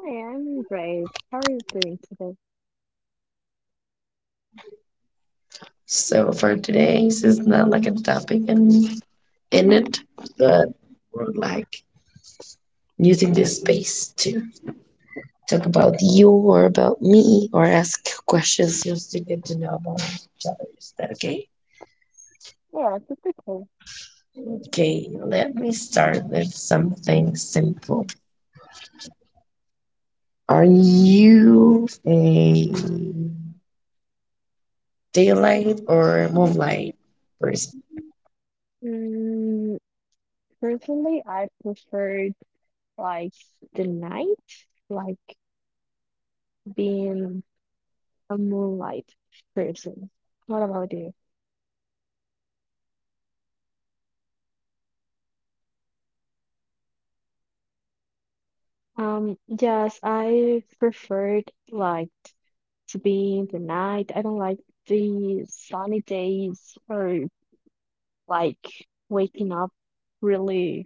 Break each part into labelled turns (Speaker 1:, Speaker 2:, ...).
Speaker 1: Hi, I'm great. How are you doing today?
Speaker 2: So for today, this is not like a topic in it, but we're like using this space to talk about you or about me or ask questions just to get to know about each other. Is that okay?
Speaker 1: Yeah, that's okay.
Speaker 2: Okay, let me start with something simple. Are you a daylight or moonlight person?
Speaker 1: Mm, Personally, I preferred like the night, like being a moonlight person. What about you? Yes, I preferred like to be in the night. I don't like the sunny days or like waking up really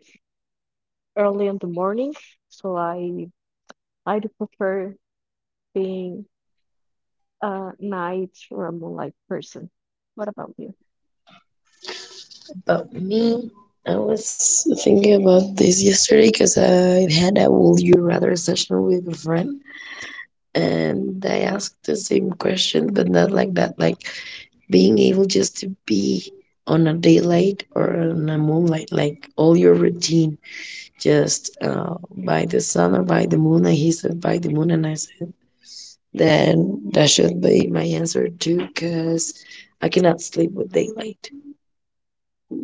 Speaker 1: early in the morning. So I do prefer being a night or a moonlight person. What about you?
Speaker 2: But me, I was thinking about this yesterday because I had a Would You Rather session with a friend, and I asked the same question, but not like that. Like being able just to be on a daylight or on a moonlight, like all your routine, just by the sun or by the moon. And he said, by the moon, and I said, then that should be my answer too, because I cannot sleep with daylight.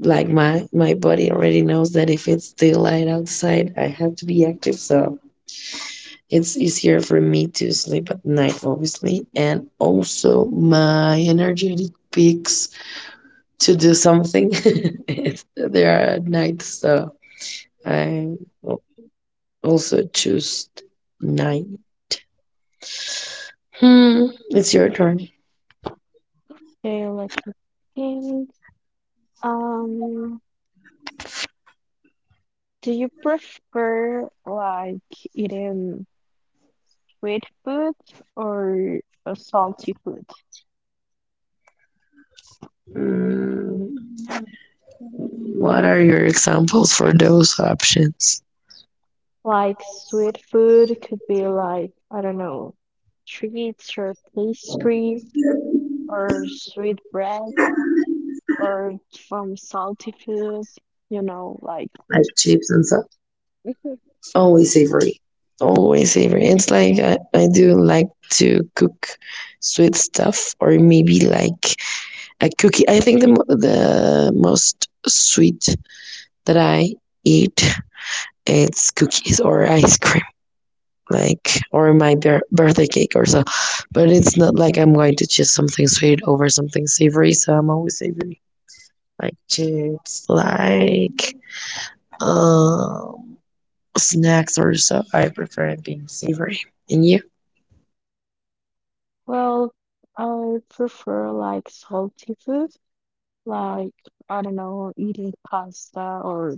Speaker 2: Like my body already knows that if it's daylight outside, I have to be active, so it's easier for me to sleep at night, obviously, and also my energetic peaks to do something there are at night. So I also choose night. It's your turn.
Speaker 1: Okay, let me think. Um, do you prefer eating sweet food or salty food?
Speaker 2: Hmm, what are your examples for those options?
Speaker 1: Like sweet food could be like, I don't know, treats or pastries or sweet bread or from salty foods, like,
Speaker 2: Like chips and stuff. Always savory. Always savory. It's like I do like to cook sweet stuff or maybe like a cookie. I think the the most sweet that I eat, it's cookies or ice cream, like, or my birthday cake or so. But it's not like I'm going to choose something sweet over something savory, so I'm always savory. Like chips, like, um snacks or so, I prefer it being savory. And you?
Speaker 1: well, I prefer like salty food. Like, I don't know, eating pasta or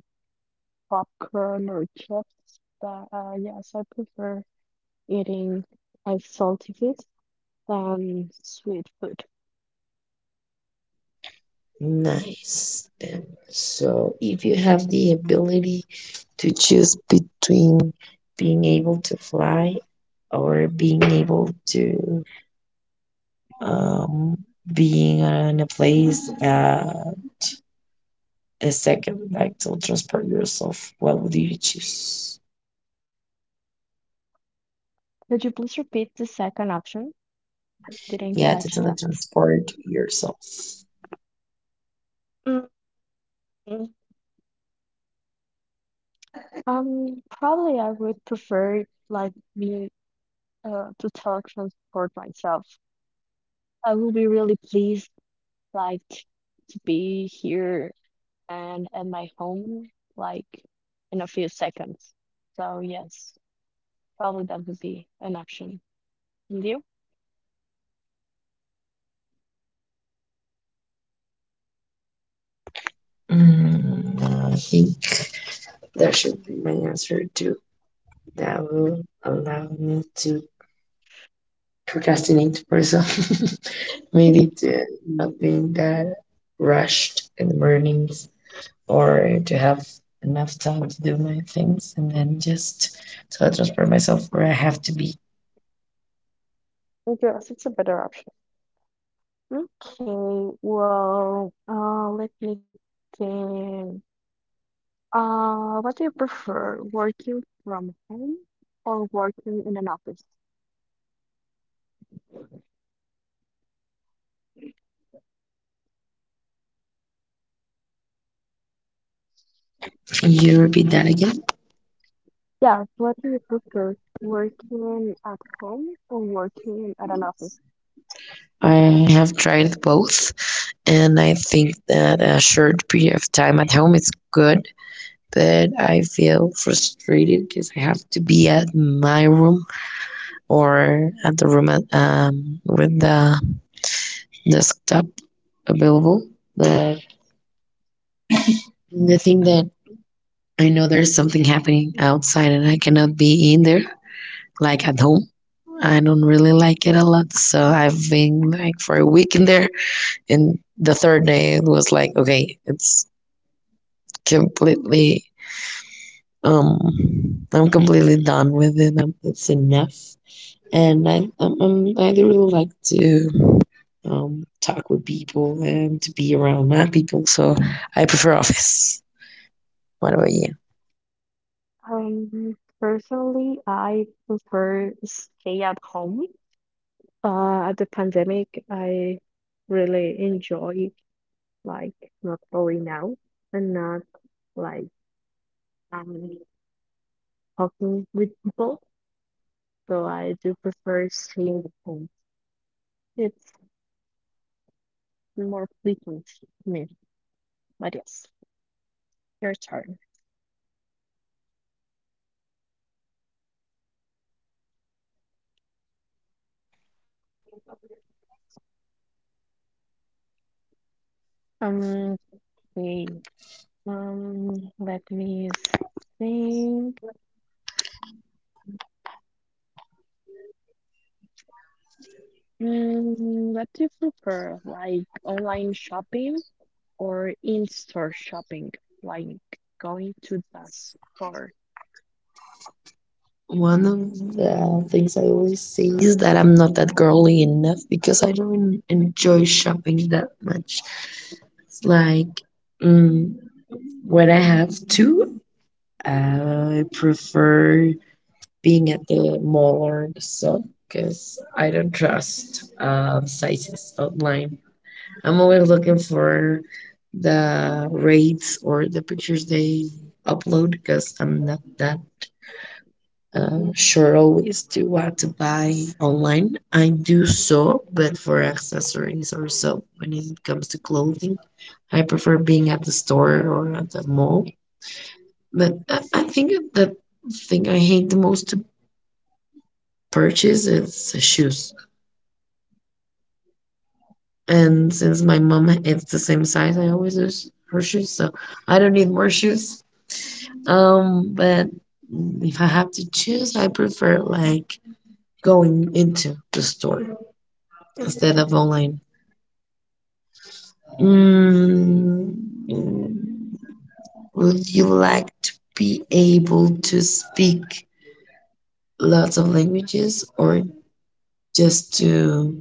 Speaker 1: popcorn or chips. But yes, I prefer eating salty food than sweet food.
Speaker 2: Nice. Then, so if you have the ability to choose between being able to fly or being able to, um, being in a place, a second, like to transport yourself, what would you choose?
Speaker 1: Could you please repeat the second option? Didn't
Speaker 2: Yeah, to
Speaker 1: catch that.
Speaker 2: teletransport yourself.
Speaker 1: Mm, Probably I would prefer like me to teletransport myself. I will be really pleased like to be here and at my home like in a few seconds. So yes, probably that would be an option. And you?
Speaker 2: Mm, I think that should be my answer too. That will allow me to procrastinate person. Maybe to not being that rushed in the mornings, or to have enough time to do my things and then just so I transfer myself where I have to be.
Speaker 1: Yes, it's a better option. Okay, well, let me think. What do you prefer, working from home or working in an office?
Speaker 2: Can you repeat that again?
Speaker 1: Yeah, what do you prefer, working at home or working at an office?
Speaker 2: I have tried both, and I think that a short period of time at home is good. But I feel frustrated because I have to be at my room or at the room at, with the desktop available, but the thing that I know there's something happening outside and I cannot be in there, like at home. I don't really like it a lot, so I've been like for a week in there, and the third day it was like, okay, it's completely, I'm completely done with it. Um, it's enough, and I really like to, talk with people and to be around my people, so I prefer office. What about you?
Speaker 1: Personally, I prefer stay at home. At the pandemic, I really enjoy like not going out and not like um talking with people. So I do prefer staying at home. It's more frequent to me. But yes, your turn. Um, okay. Um, Let me think. What do you prefer? Like online shopping or in-store shopping, like going to the store?
Speaker 2: One of the things I always say is that I'm not that girly enough because I don't enjoy shopping that much. It's like, mm, when I have to, I prefer being at the mall or the shop because I don't trust, sizes online. I'm always looking for the rates or the pictures they upload because I'm not that, sure, always do want to buy online. I do so, but for accessories or so. When it comes to clothing, I prefer being at the store or at the mall. But I think the thing I hate the most to purchase is shoes. And since my mom is the same size, I always use her shoes, so I don't need more shoes. But if I have to choose, I prefer like going into the store instead of online. Mm, would you like to be able to speak lots of languages or just to,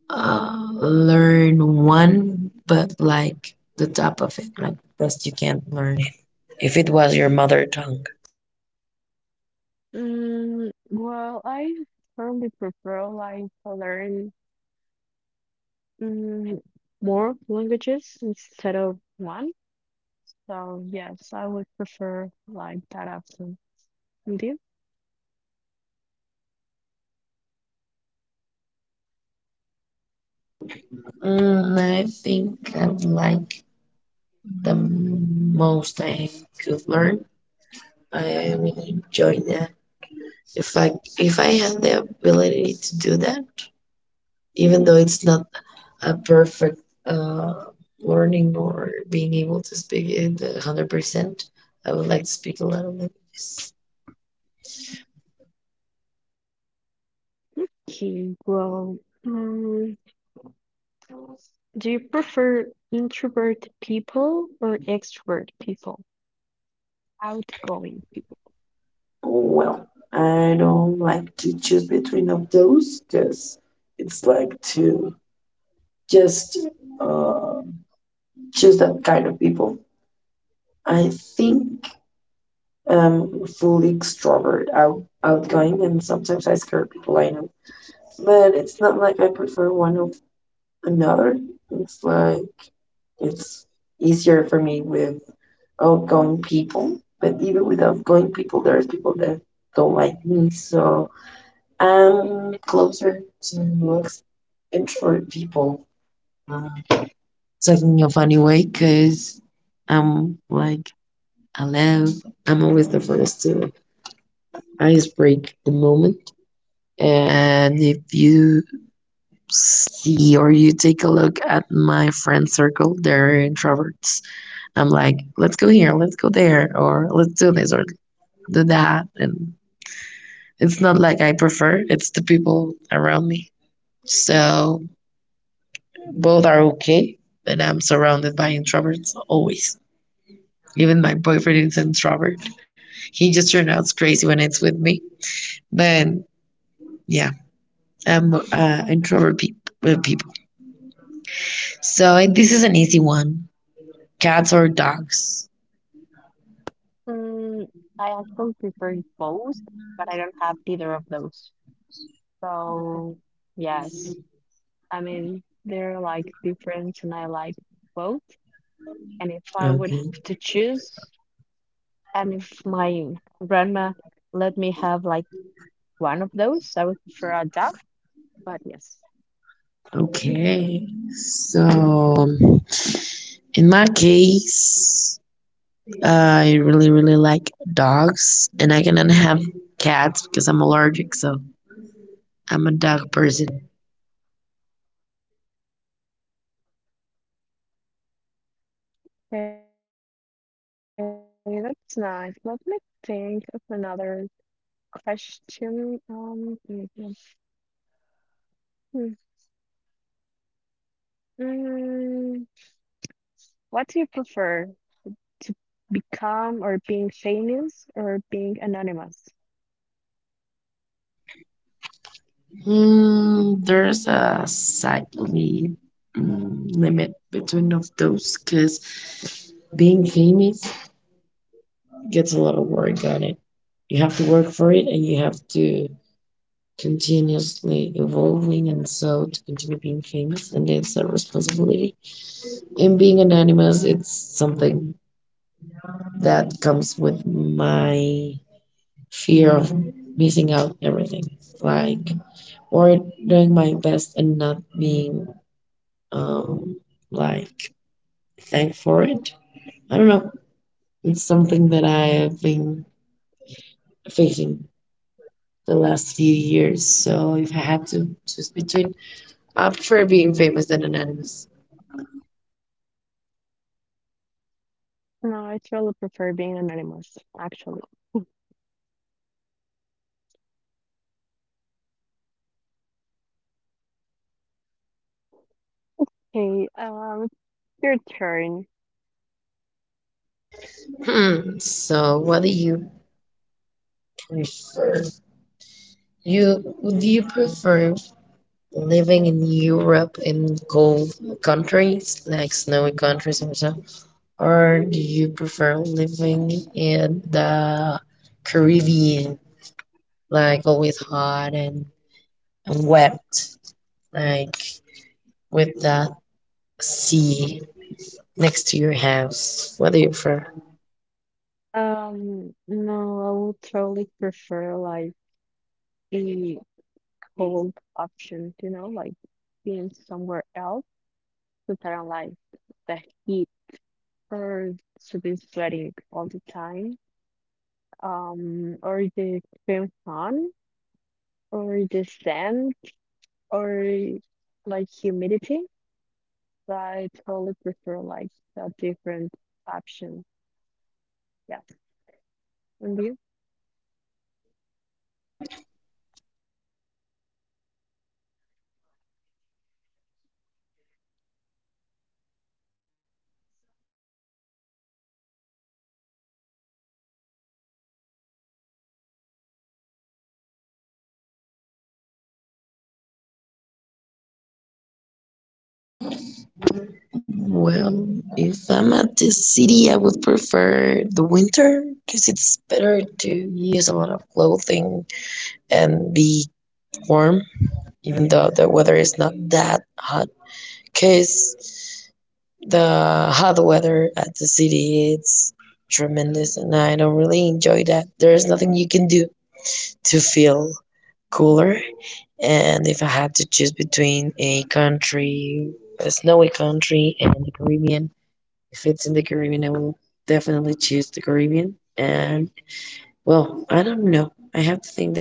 Speaker 2: learn one, but like the top of it, like best you can learn it, if it was your mother tongue?
Speaker 1: Well, I firmly prefer like to learn mm, more languages instead of one. So yes, I would prefer like that option. And you?
Speaker 2: Mm, I think I'd like the most I could learn. I would enjoy that. If I if I had the ability to do that, even though it's not a perfect, uh, learning or being able to speak it 100%. I would like to speak a lot of languages.
Speaker 1: Okay, well, mm, do you prefer introvert people or extrovert people? Outgoing.
Speaker 2: Well, I don't like to choose between of those because it's like to just, uh, choose that kind of people. I think I'm fully extrovert, outgoing, and sometimes I scare people I know. But it's not like I prefer one of another. It's like, it's easier for me with outgoing people, but even with outgoing people, there's people that don't like me, so I'm closer to introvert people. Uh, Talking of anyway, because I'm like, hello, I'm always the first to ice break the moment. And if you see or you take a look at my friend circle, they're introverts. I'm like, let's go here, let's go there, or let's do this or do that. And it's not like I prefer, it's the people around me. So both are okay, but I'm surrounded by introverts always. Even my boyfriend is an introvert. He just turns out crazy when it's with me. But yeah, I'm introvert people. So, and this is an easy one. Cats or dogs?
Speaker 1: Mm, I actually prefer both, but I don't have either of those. So, yes, I mean, they're like different and I like both. And if I would
Speaker 2: Okay.
Speaker 1: have to choose, and if my grandma let me have like one of those, I would prefer a dove, but yes.
Speaker 2: Okay. So in my case, I really, really like dogs, and I cannot have cats because I'm allergic, so I'm a dog person.
Speaker 1: Okay, that's nice. Let me think of another question. Mm. Mm, what do you prefer? To become or being famous or being anonymous?
Speaker 2: Mm, there's a slightly, mm, limit between of those because being famous gets a lot of work on it. You have to work for it, and you have to continuously evolving, and so to continue being famous, and it's a responsibility. And being anonymous, it's something that comes with my fear of missing out everything, like, or doing my best and not being, um like, thanked for it. I don't know. It's something that I have been facing the last few years. So if I had to choose between, I prefer being famous than anonymous.
Speaker 1: No, I truly prefer being anonymous, actually. Okay, your turn.
Speaker 2: Hmm, so what do you prefer? You do you prefer living in Europe in cold countries, like snowy countries or so? Or do you prefer living in the Caribbean, like always hot and wet, like with that sea next to your house? What do you prefer?
Speaker 1: No, I would totally prefer the cold option, you know, like being somewhere else so that I don't like the heat or to be sweating all the time. Or the extreme sun or the sand or like humidity. I totally prefer like a different option. Yes. And you?
Speaker 2: Well, if I'm at the city, I would prefer the winter because it's better to use a lot of clothing and be warm even though the weather is not that hot, because the hot weather at the city, it's tremendous, and I don't really enjoy that. There's nothing you can do to feel cooler. And if I had to choose between a snowy country and the Caribbean, if it's in the Caribbean, I will definitely choose the Caribbean. And well, I don't know. I have to think.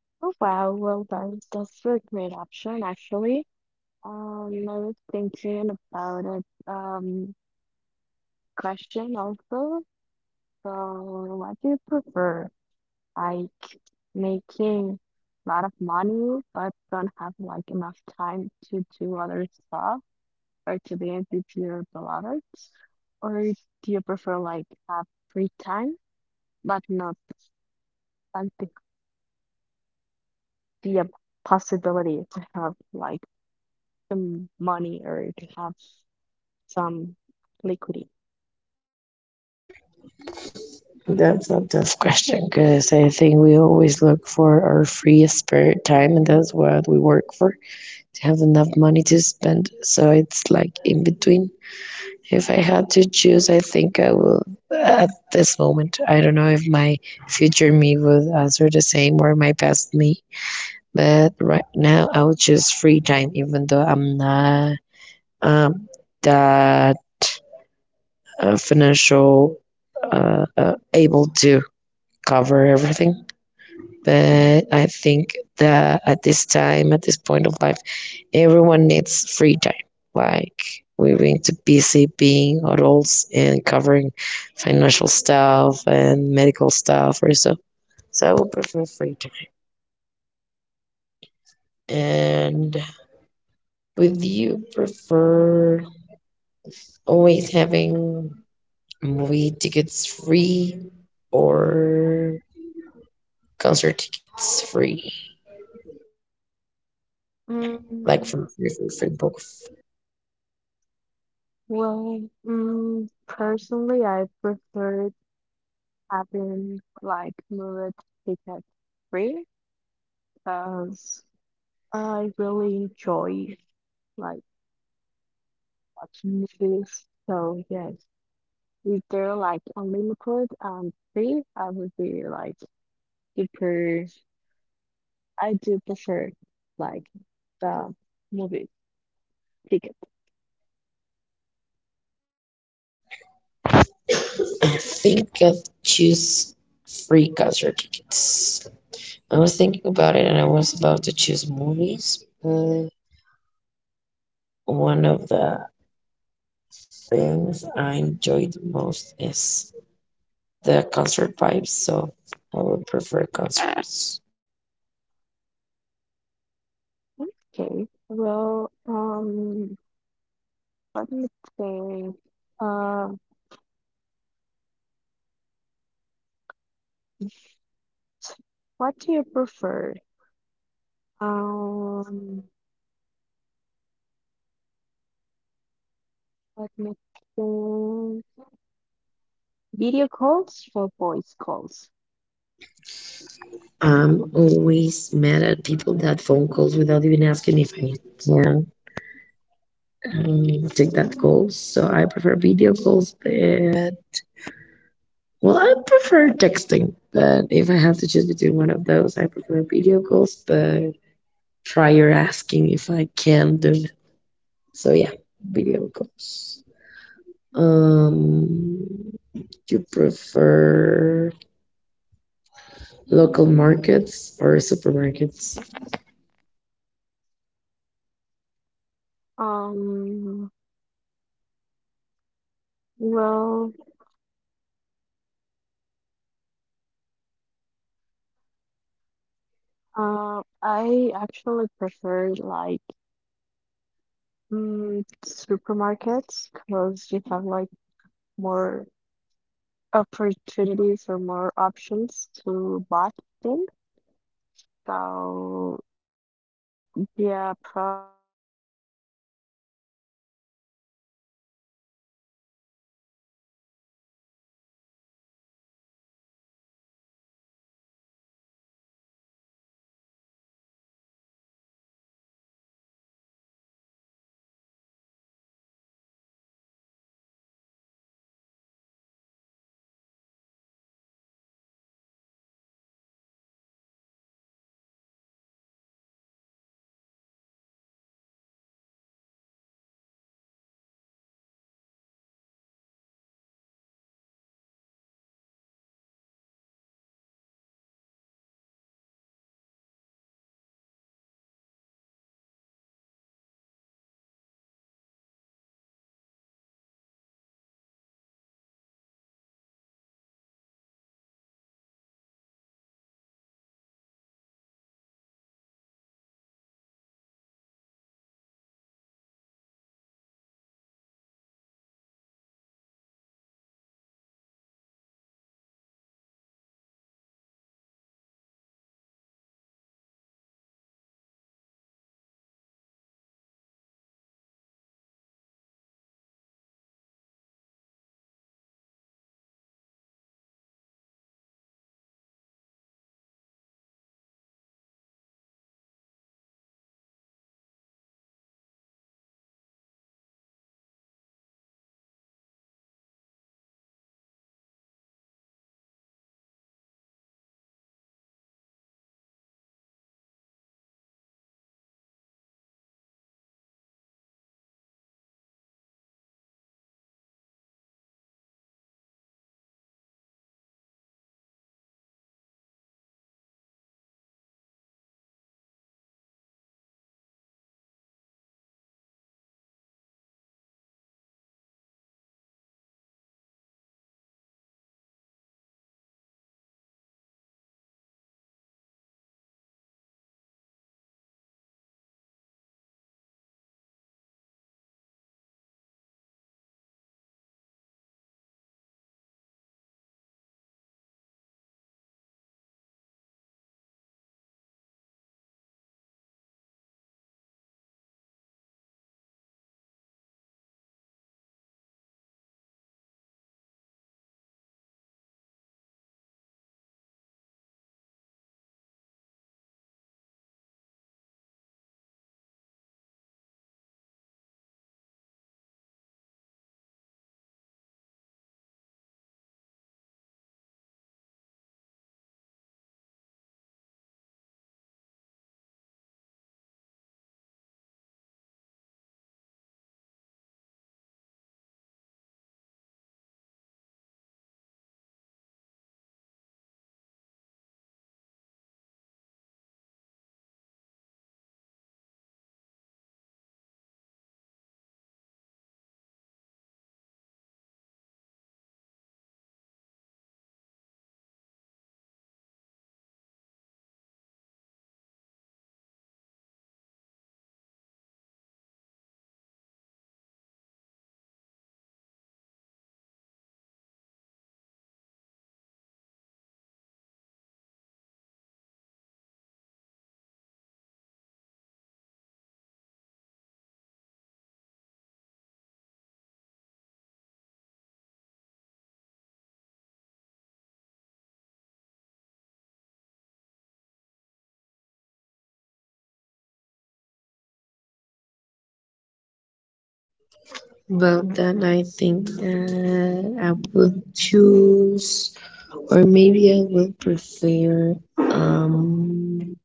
Speaker 1: Oh wow, well done. That's a great option actually. I was thinking about a question also. So what do you prefer? Like making a lot of money but don't have like enough time to do other stuff or to be with your beloved? Or do you prefer like have free time but not like the be a possibility to have like some money or to have some liquidity?
Speaker 2: That's a tough question because I think we always look for our free spare time, and that's what we work for, to have enough money to spend. So it's like in between. If I had to choose, I think I will, at this moment. I don't know if my future me would answer the same or my past me, but right now I would choose free time, even though I'm not, um that, financial, able to cover everything. But I think that at this time, at this point of life, everyone needs free time. Like we've been too busy being adults and covering financial stuff and medical stuff or so. So I would prefer free time. And would you prefer always having movie tickets free or concert tickets free? Like
Speaker 1: Mm,
Speaker 2: for free, book.
Speaker 1: well, personally, I prefer having like movie ticket free because I really enjoy like watching movies. So yes, if they're like unlimited and free, I would be like super. I do prefer like the movies. Ticket.
Speaker 2: I think I'll choose free concert tickets. I was thinking about it and I was about to choose movies, but one of the things I enjoy the most is the concert vibes, so I would prefer concerts.
Speaker 1: Okay. Well, let me think. Uh, what do you prefer? Um, Let me think. Video calls or voice calls?
Speaker 2: I'm always mad at people that phone calls without even asking if I can, take that call, so I prefer video calls, but, well, I prefer texting, but if I have to choose between one of those, I prefer video calls. But prior asking if I can do it. So yeah, video calls. Um, you prefer local markets or supermarkets?
Speaker 1: Um, well, I actually prefer like supermarkets because you have like more opportunities or more options to buy things. So
Speaker 2: Well, then I think that I would choose, or maybe I would prefer,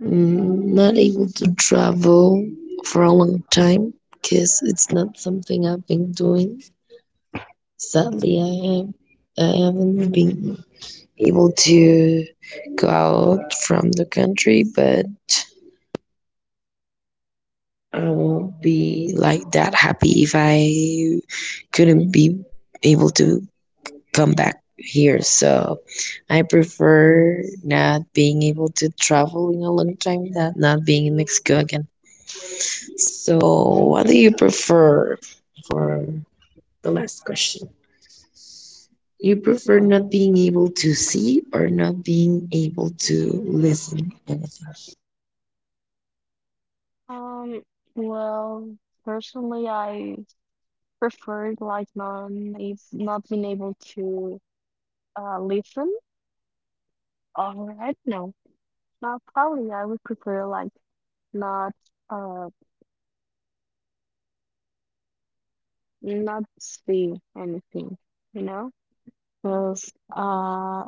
Speaker 2: mm, not able to travel for a long time, because it's not something I've been doing. Sadly, I haven't been able to go out from the country, but I won't be like that happy if I couldn't be able to come back here. So I prefer not being able to travel in a long time than not being in Mexico again. So, what do you prefer for the last question? You prefer not being able to see or not being able to listen anything?
Speaker 1: Um, well, personally, I preferred like not if not being able to listen or I don't know. Well, probably I would prefer like not uh not see anything, you know, because uh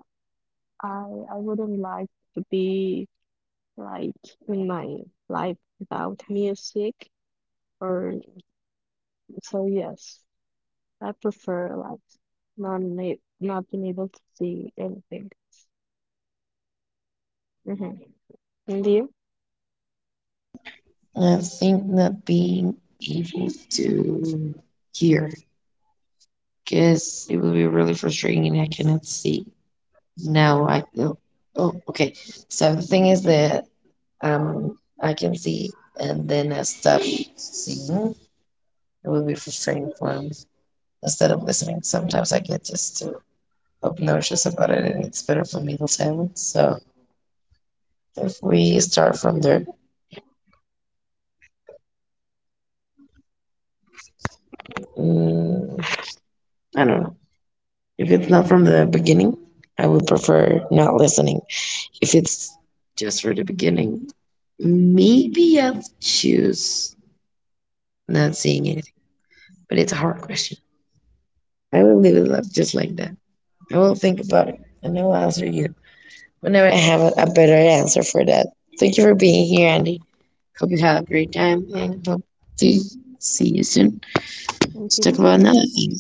Speaker 1: I I wouldn't like to be like in my life without music or so yes, I prefer like not being able to see anything. Mm-hmm. And you?
Speaker 2: I think not being able to hear, because it will be really frustrating and I cannot see. No, I, oh, oh, okay. So the thing is that, um, I can see and then I stop seeing. It will be frustrating for me, instead of listening. Sometimes I get just too obnoxious about it, and it's better for me to silence. So if we start from there, mm, I don't know. If it's not from the beginning, I would prefer not listening. If it's just for the beginning, maybe I'll choose not seeing anything. But it's a hard question. I will leave it up just like that. I will think about it, and I will answer you whenever I have a better answer for that. Thank you for being here, Andy. Hope you have a great time and hope to see you soon.
Speaker 1: And
Speaker 2: Let's
Speaker 1: you
Speaker 2: talk about
Speaker 1: too?
Speaker 2: another thing.
Speaker 1: Okay.